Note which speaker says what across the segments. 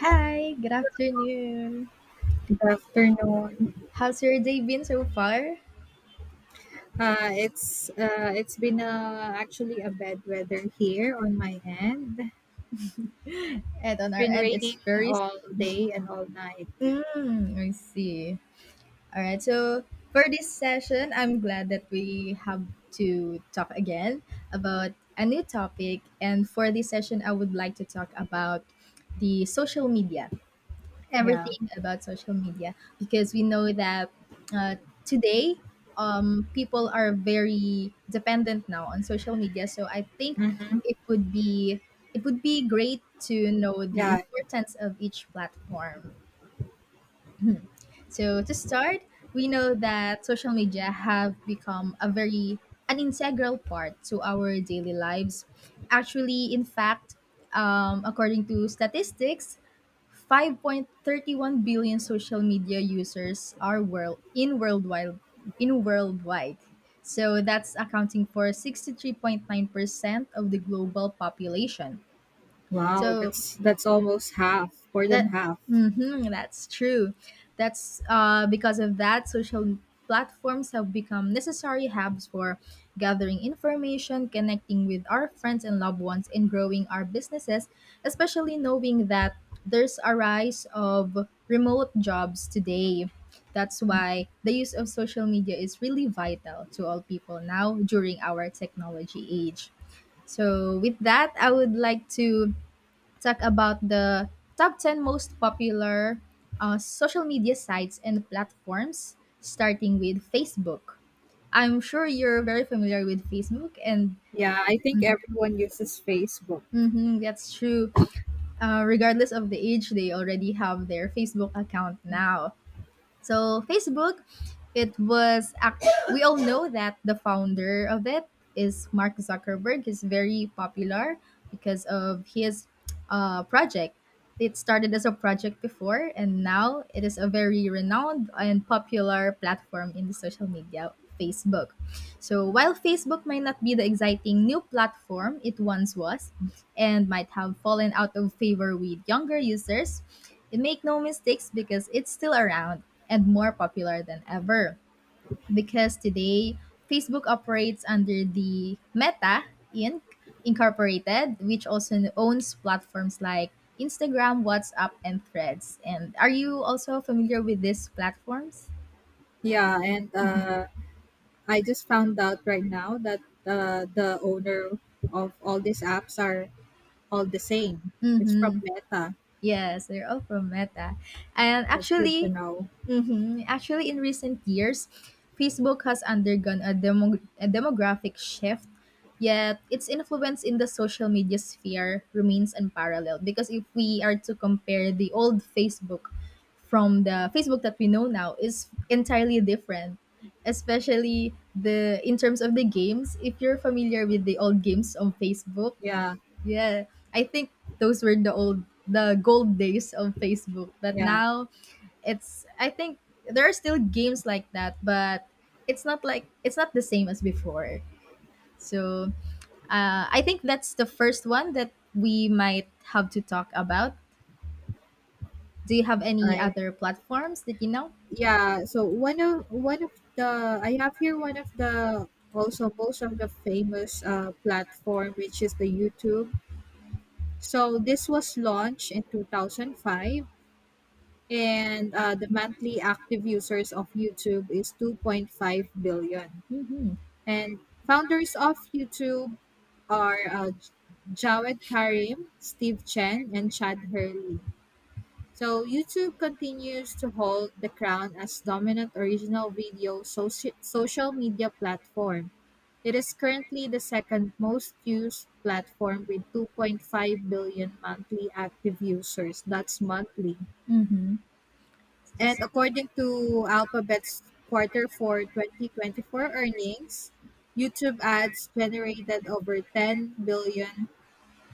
Speaker 1: Hi, good afternoon.
Speaker 2: Good afternoon.
Speaker 1: How's your day been so far?
Speaker 2: It's been actually a bad weather here on my end. It's
Speaker 1: And on our
Speaker 2: been
Speaker 1: end, it's
Speaker 2: raining
Speaker 1: very.
Speaker 2: all day and all night.
Speaker 1: Mm, I see. All right, so for this session, I'm glad that we have to talk again about a new topic. And for this session, I would like to talk about the social media,
Speaker 2: Yeah.
Speaker 1: everything about social media because we know that uh, today, people are very dependent now on social media, so I think
Speaker 2: Mm-hmm.
Speaker 1: it would be it would be great to know the
Speaker 2: Yeah.
Speaker 1: importance of each platform. So to start, we know that social media have become a very an integral part to our daily lives. Actually, in fact, according to statistics, 5.31 billion social media users are world in worldwide in worldwide. So that's accounting for 63.9% of the global population.
Speaker 2: Wow.
Speaker 1: So
Speaker 2: That's almost half, more than
Speaker 1: that
Speaker 2: half.
Speaker 1: mhm, that's true. That's because of that, social platforms have become necessary hubs for gathering information, connecting with our friends and loved ones, and growing our businesses, especially knowing that there's a rise of remote jobs today. That's why the use of social media is really vital to all people now during our technology age. So, with that, I would like to talk about the top 10 most popular social media sites and platforms, starting with Facebook. I'm sure you're very familiar with Facebook, and
Speaker 2: Yeah. I think everyone uses Facebook.
Speaker 1: hmm, that's true. Regardless of the age, they already have their Facebook account
Speaker 2: Mm.
Speaker 1: now. So Facebook, it was act- we all know that the founder of it is Mark Zuckerberg, is very popular because of his project. It started as a project before, and now it is a very renowned and popular platform in the social media, Facebook. So while Facebook might not be the exciting new platform it once was, and might have fallen out of favor with younger users, and make no mistakes because it's still around and more popular than ever. Because today, Facebook operates under the Meta Inc. Incorporated, which also owns platforms like Instagram, WhatsApp, and Threads. And are you also familiar with these platforms?
Speaker 2: Yeah, and
Speaker 1: Mm-hmm.
Speaker 2: I just found out right now that the owner of all these apps are all the same. It's from
Speaker 1: Mm-hmm.
Speaker 2: Meta.
Speaker 1: Yes, they're all from Meta. And
Speaker 2: That's good to
Speaker 1: actually,
Speaker 2: know.
Speaker 1: hmm Actually, in recent years, Facebook has undergone a demographic shift, yet its influence in the social media sphere remains unparalleled. Because if we are to compare the old Facebook from the Facebook that we know now, is entirely different. Especially the in terms of the games, if you're familiar with the old games on Facebook,
Speaker 2: Yeah,
Speaker 1: yeah, I think those were the gold days of Facebook. But
Speaker 2: yeah.
Speaker 1: now, it's I think there are still games like that, but it's not the same as before. So, I think that's the first one that we might have to talk about. Do you have any
Speaker 2: I
Speaker 1: other platforms that you know?
Speaker 2: Yeah, so one of the I have here one of the also most of the famous platform which is the YouTube. So this was launched in 2005 and the monthly active users of YouTube is 2.5 billion.
Speaker 1: Mhm.
Speaker 2: And founders of YouTube are Jawed Karim, Steve Chen, and Chad Hurley. So YouTube continues to hold the crown as dominant original video social media platform. It is currently the second most used platform with 2.5 billion monthly active users. That's monthly.
Speaker 1: Mhm. It's just.
Speaker 2: And according to Alphabet's quarter for 2024 earnings, YouTube ads generated over $10 billion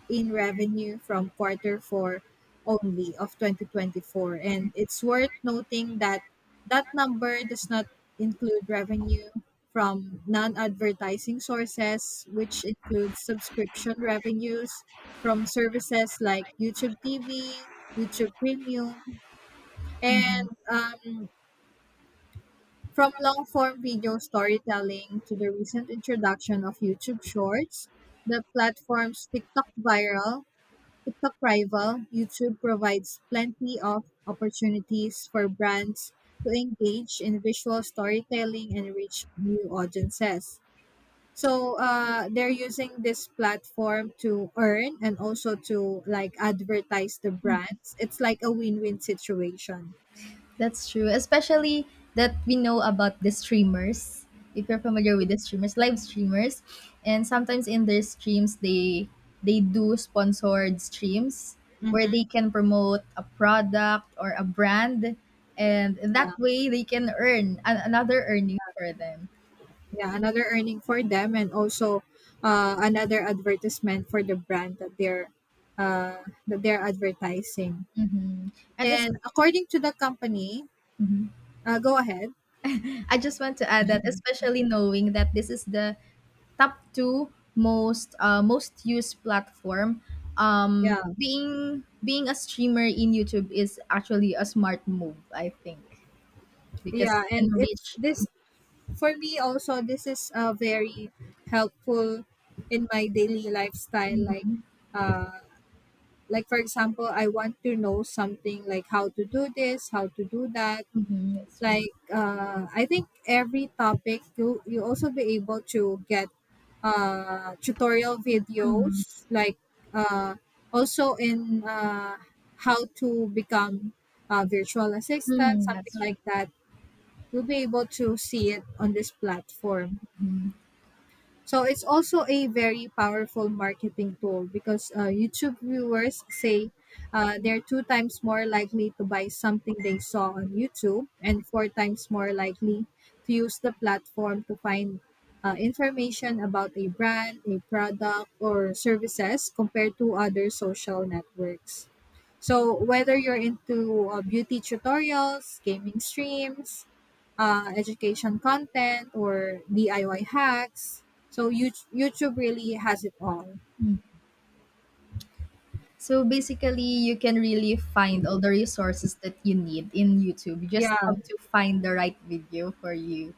Speaker 2: in revenue from quarter four only of 2024. And it's worth noting that that number does not include revenue from non-advertising sources, which includes subscription revenues from services like YouTube TV, YouTube Premium, and from long-form video storytelling to the recent introduction of YouTube Shorts. The platform's TikTok-rival YouTube provides plenty of opportunities for brands to engage in visual storytelling and reach new audiences. So they're using this platform to earn and also to like advertise the brands. It's like a win-win situation.
Speaker 1: That's true, especially that we know about the streamers. If you're familiar with the streamers, live streamers, and sometimes in their streams they do sponsored streams where they
Speaker 2: Hmm.
Speaker 1: can promote a product or a brand, and
Speaker 2: Yeah,
Speaker 1: that way they can earn another earning for them.
Speaker 2: yeah, another earning for them, and also another advertisement for the brand that they're advertising.
Speaker 1: Mhm. And this,
Speaker 2: And according to the company. Go ahead.
Speaker 1: I just want to add that, especially knowing that this is the top two most used platform,
Speaker 2: Yeah,
Speaker 1: being a streamer in YouTube is actually a smart move, I think, because
Speaker 2: yeah,
Speaker 1: you
Speaker 2: and
Speaker 1: can
Speaker 2: it's
Speaker 1: reach.
Speaker 2: this for me also. This is very helpful in my daily lifestyle.
Speaker 1: Mhm.
Speaker 2: Uh, like for example, I want to know something like how to do this, how to do that.
Speaker 1: Mhm, that's true.
Speaker 2: Like, I think every topic you also be able to get tutorial
Speaker 1: Mhm.
Speaker 2: videos, like uh, also in how to become a virtual assistant,
Speaker 1: Mhm,
Speaker 2: something
Speaker 1: that's true.
Speaker 2: like that. You'll be able to see it on this platform.
Speaker 1: Mhm.
Speaker 2: So it's also a very powerful marketing tool, because YouTube viewers say they're two times more likely to buy something they saw on YouTube and four times more likely to use the platform to find information about a brand, a product, or services compared to other social networks. So whether you're into beauty tutorials, gaming streams, education content, or DIY hacks, so YouTube really has it all.
Speaker 1: Mm. So basically, you can really find all the resources that you need in YouTube. You just
Speaker 2: Yeah.
Speaker 1: have to find the right video for you.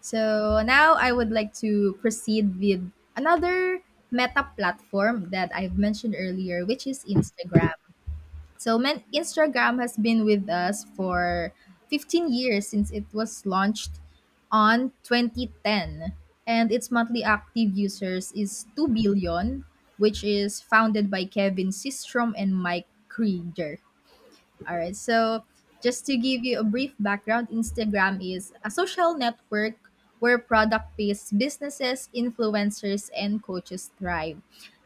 Speaker 1: So now I would like to proceed with another meta platform that I've mentioned earlier, which is Instagram. So Instagram has been with us for 15 years since it was launched on 2010. And its monthly active users is 2 billion, which is founded by Kevin Systrom and Mike Krieger. All right. So, just to give you a brief background, Instagram is a social network where product-based businesses, influencers, and coaches thrive.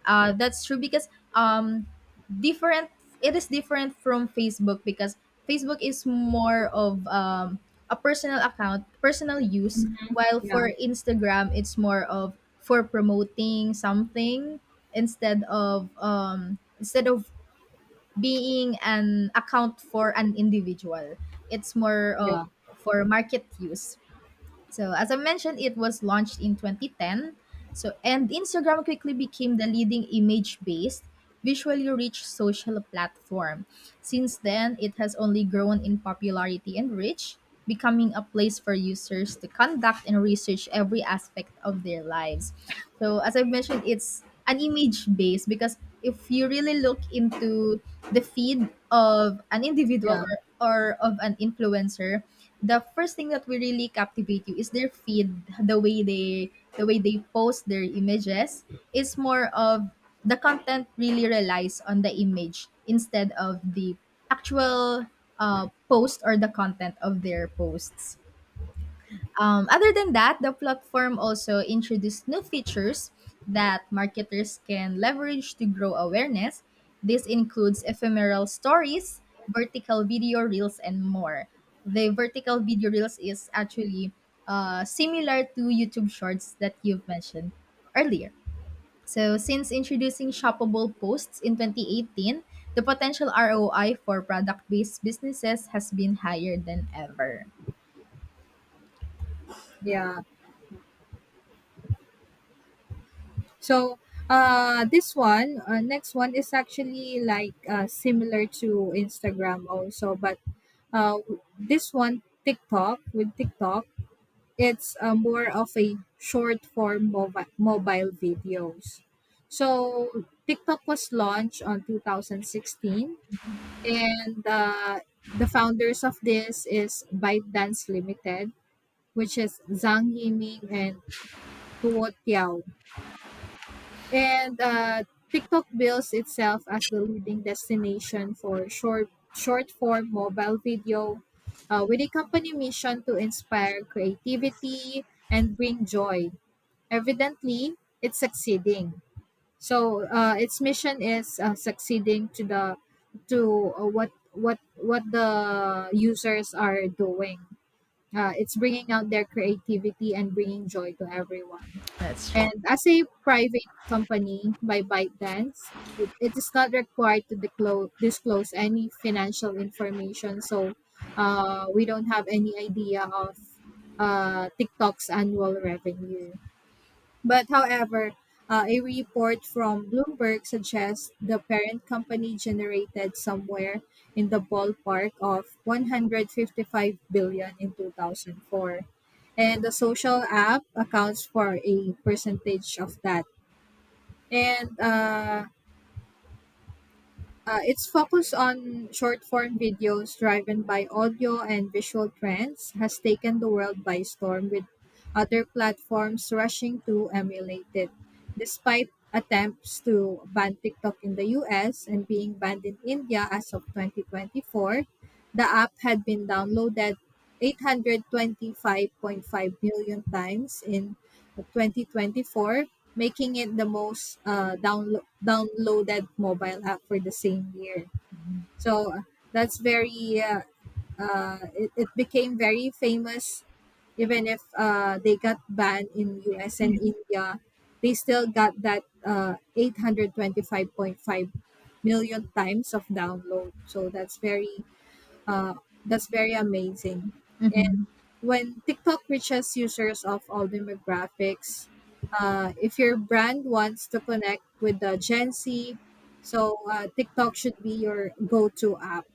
Speaker 1: That's true because, um, different. It is different from Facebook because Facebook is more of, a personal account, personal use,
Speaker 2: Hmm.
Speaker 1: while
Speaker 2: Yeah.
Speaker 1: for Instagram it's more of for promoting something, instead of being an account for an individual. It's more of
Speaker 2: Yeah.
Speaker 1: for market use. So, as I mentioned, it was launched in 2010. And Instagram quickly became the leading image-based, visually rich social platform. Since then, it has only grown in popularity and reach, becoming a place for users to conduct and research every aspect of their lives. So, as I mentioned, it's an image-based because if you really look into the feed of an individual,
Speaker 2: Yeah.
Speaker 1: or of an influencer, the first thing that will really captivate you is their feed. The way they post their images is more of the content really relies on the image instead of the actual, post or the content of their posts. Other than that, the platform also introduced new features that marketers can leverage to grow awareness. This includes ephemeral stories, vertical video reels, and more. The vertical video reels is actually similar to YouTube Shorts that you've mentioned earlier. So, since introducing shoppable posts in 2018, the potential ROI for product based businesses has been higher than ever.
Speaker 2: Yeah. So this one next one is actually like similar to Instagram also, but this one TikTok with TikTok, it's more of a short form mobile videos. So TikTok was launched on 2016. And the founders of this is ByteDance Limited, which is Zhang Yiming and Tuo Tiao. And TikTok bills itself as the leading destination for short form mobile video with a company mission to inspire creativity and bring joy. Evidently, it's succeeding. So its mission is succeeding to the to what the users are doing. It's bringing out their creativity and bringing joy to everyone.
Speaker 1: That's true.
Speaker 2: And as a private company by ByteDance, it is not required to disclose any financial information. So we don't have any idea of TikTok's annual revenue. But however, a report from Bloomberg suggests the parent company generated somewhere in the ballpark of 155 billion in 2004. And the social app accounts for a percentage of that. And its focus on short form videos driven by audio and visual trends has taken the world by storm, with other platforms rushing to emulate it. Despite attempts to ban TikTok in the US and being banned in India as of 2024, the app had been downloaded 825.5 million times in 2024, making it the most downloaded mobile app for the same year. So that's very, uh, it became very famous. Even if they got banned in US and India, they still got that 825.5 million times of download. So uh, that's very amazing,
Speaker 1: Mhm.
Speaker 2: when TikTok reaches users of all demographics. If your brand wants to connect with the Gen Z, so TikTok should be your go-to app.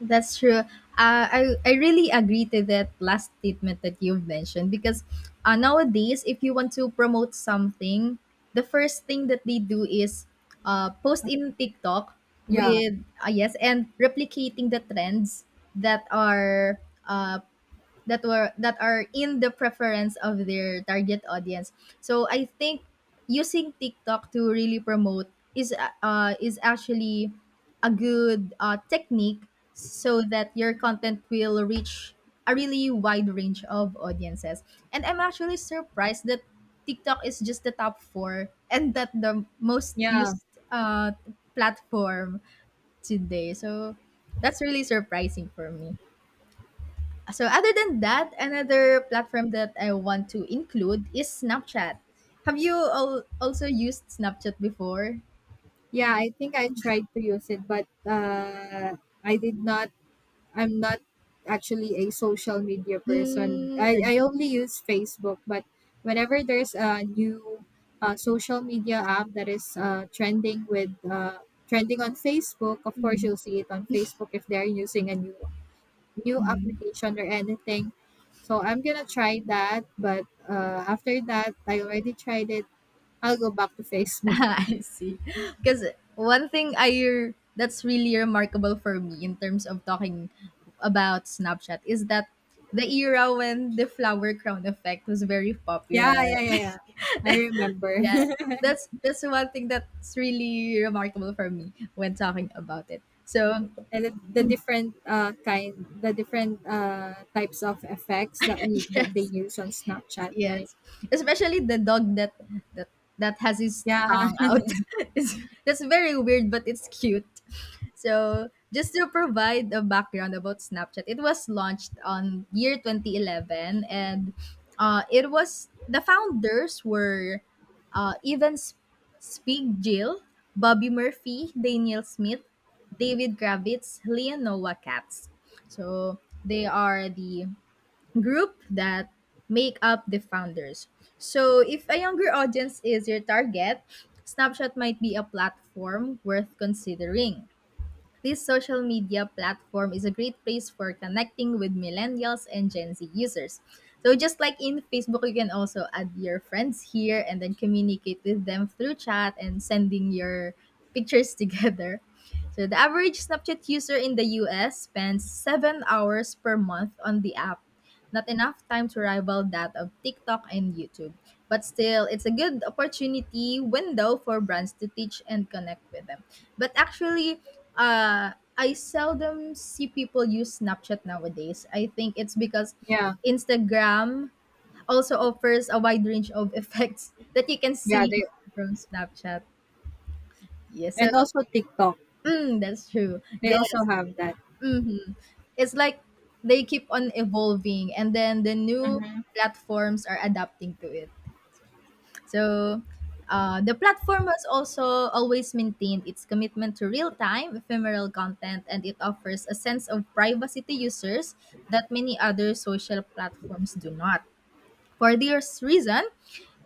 Speaker 1: That's true. I really agree to that last statement that you've mentioned because, nowadays, if you want to promote something, the first thing that they do is, post in TikTok
Speaker 2: Yeah,
Speaker 1: with, yes, and replicating the trends that are uh, that are in the preference of their target audience. So I think using TikTok to really promote is actually a good, technique, so that your content will reach a really wide range of audiences. And I'm actually surprised that TikTok is just the top four, and that the most
Speaker 2: yeah,
Speaker 1: used uh, platform today. So that's really surprising for me. So other than that, another platform that I want to include is Snapchat. Have you all also used Snapchat before?
Speaker 2: yeah. I think I tried to use it, but I did not I'm not actually a social media person.
Speaker 1: Hmm,
Speaker 2: I,
Speaker 1: I
Speaker 2: I
Speaker 1: see.
Speaker 2: only use Facebook, but whenever there's a new social media app that is trending on Facebook, of course you'll see it on Facebook if they're using a new application or anything. So I'm gonna try that, but after that, I already tried it. I'll go back to Facebook.
Speaker 1: I see. Because one thing I that's really remarkable for me in terms of talking about Snapchat is that the era when the flower crown effect was very popular.
Speaker 2: Yeah, yeah, yeah, yeah. I remember.
Speaker 1: Yeah, that's one thing that's really remarkable for me when talking about it. So
Speaker 2: and the different kind the different types of effects that they
Speaker 1: yes,
Speaker 2: use on Snapchat, right?
Speaker 1: yes, especially the dog that that has his
Speaker 2: Yeah,
Speaker 1: tongue out. it's, that's very weird, but it's cute. So, just to provide a background about Snapchat, it was launched on year 2011, and it was the founders were, Evan Spig Jill, Bobby Murphy, Daniel Smith, David Kravitz, Leon Noah Katz. So they are the group that make up the founders. So if a younger audience is your target, Snapchat might be a platform worth considering. This social media platform is a great place for connecting with millennials and Gen Z users. So just like in Facebook, you can also add your friends here and then communicate with them through chat and sending your pictures together. So the average Snapchat user in the US spends 7 hours per month on the app, not enough time to rival that of TikTok and YouTube. But still, it's a good opportunity window for brands to teach and connect with them. But actually, I seldom see people use Snapchat nowadays. I think it's because
Speaker 2: yeah,
Speaker 1: Instagram also offers a wide range of effects that you can
Speaker 2: yeah.
Speaker 1: see
Speaker 2: They
Speaker 1: from Snapchat. Yes, so
Speaker 2: And also TikTok.
Speaker 1: that's true.
Speaker 2: They also
Speaker 1: Yes.
Speaker 2: have that.
Speaker 1: Mhm. It's like they keep on evolving and then the new platforms are adapting to it. So, the platform has also always maintained its commitment to real time, ephemeral content, and it offers a sense of privacy to users that many other social platforms do not. For this reason,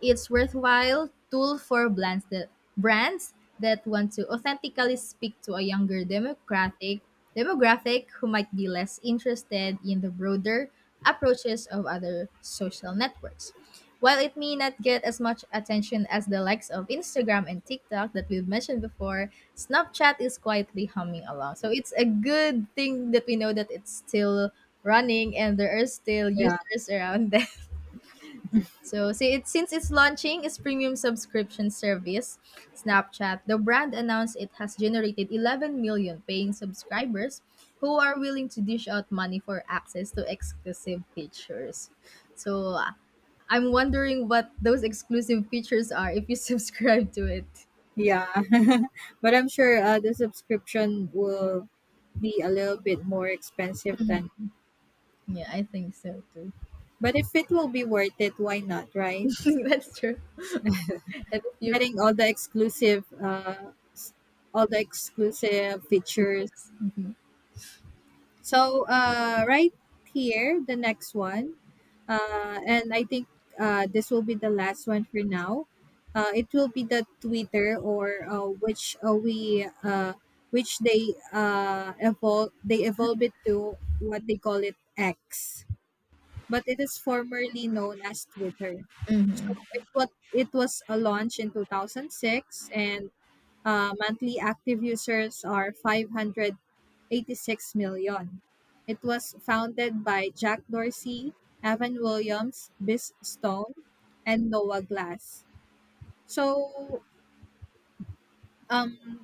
Speaker 1: it's worthwhile tool for brands that want to authentically speak to a younger democratic demographic who might be less interested in the broader approaches of other social networks. While it may not get as much attention as the likes of Instagram and TikTok that we've mentioned before, Snapchat is quietly humming along. So it's a good thing that we know that it's still running, and there are still
Speaker 2: Yeah,
Speaker 1: users around there. So see, it, since it's launching its premium subscription service, Snapchat, the brand announced it has generated 11 million paying subscribers who are willing to dish out money for access to exclusive features. So I'm wondering what those exclusive features are if you subscribe to it.
Speaker 2: yeah. but I'm sure the subscription will be a little bit more expensive than.
Speaker 1: Yeah, I think so too.
Speaker 2: But if it will be worth it, why not, right?
Speaker 1: That's true. And if you
Speaker 2: Getting all the exclusive features.
Speaker 1: features. Mhm.
Speaker 2: So right here, the next one, and I think this will be the last one for now. It will be the Twitter, or which we which they evolve they evolve it to what they call it X, but it is formerly known as Twitter. So
Speaker 1: Mhm.
Speaker 2: it was a launch in 2006 and monthly active users are 586 million. It was founded by Jack Dorsey, Evan Williams, Biz Stone, and Noah Glass. So, um,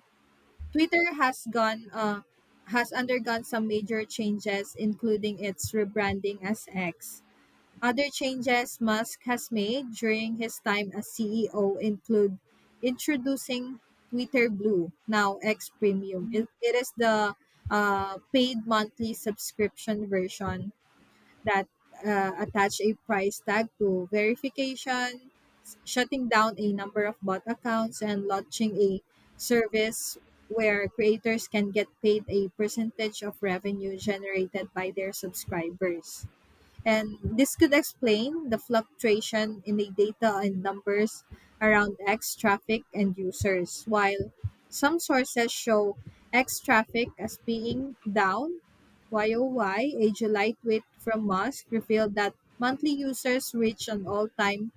Speaker 2: Twitter has undergone some major changes, including its rebranding as X. Other changes Musk has made during his time as CEO include introducing Twitter Blue, now X Premium. It is the paid monthly subscription version that attach a price tag to verification, shutting down a number of bot accounts, and launching a service where creators can get paid a percentage of revenue generated by their subscribers. And this could explain the fluctuation in the data and numbers around X traffic and users, while some sources show X traffic as being down YOY. A July tweet from Musk revealed that monthly users reached an all time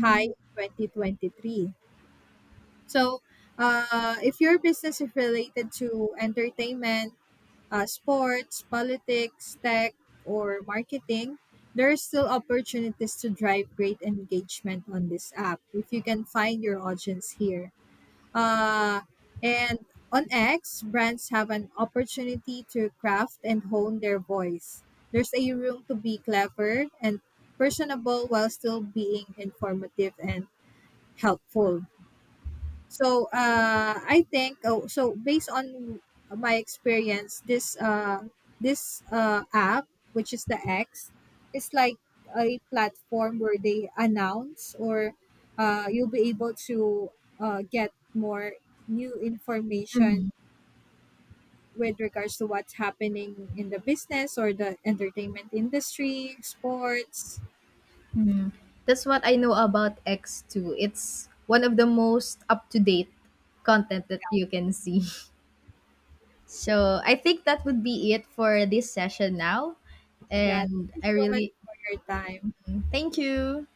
Speaker 2: high in 2023. So, if your business is related to entertainment, sports, politics, tech, or marketing, there are still opportunities to drive great engagement on this app if you can find your audience here. Uh, and on X, brands have an opportunity to craft and hone their voice. There's a room to be clever and personable while still being informative and helpful. So I think, oh, so based on my experience, this app, which is the X, is like a platform where they announce, or you'll be able to get more new information with regards to what's happening in the business or the entertainment industry, sports.
Speaker 1: That's what I know about X2. It's one of the most up to date content that you can see. So I think that would be it for this session now.
Speaker 2: Yeah, thank
Speaker 1: And
Speaker 2: you
Speaker 1: I
Speaker 2: so much
Speaker 1: really
Speaker 2: for your time.
Speaker 1: thank you.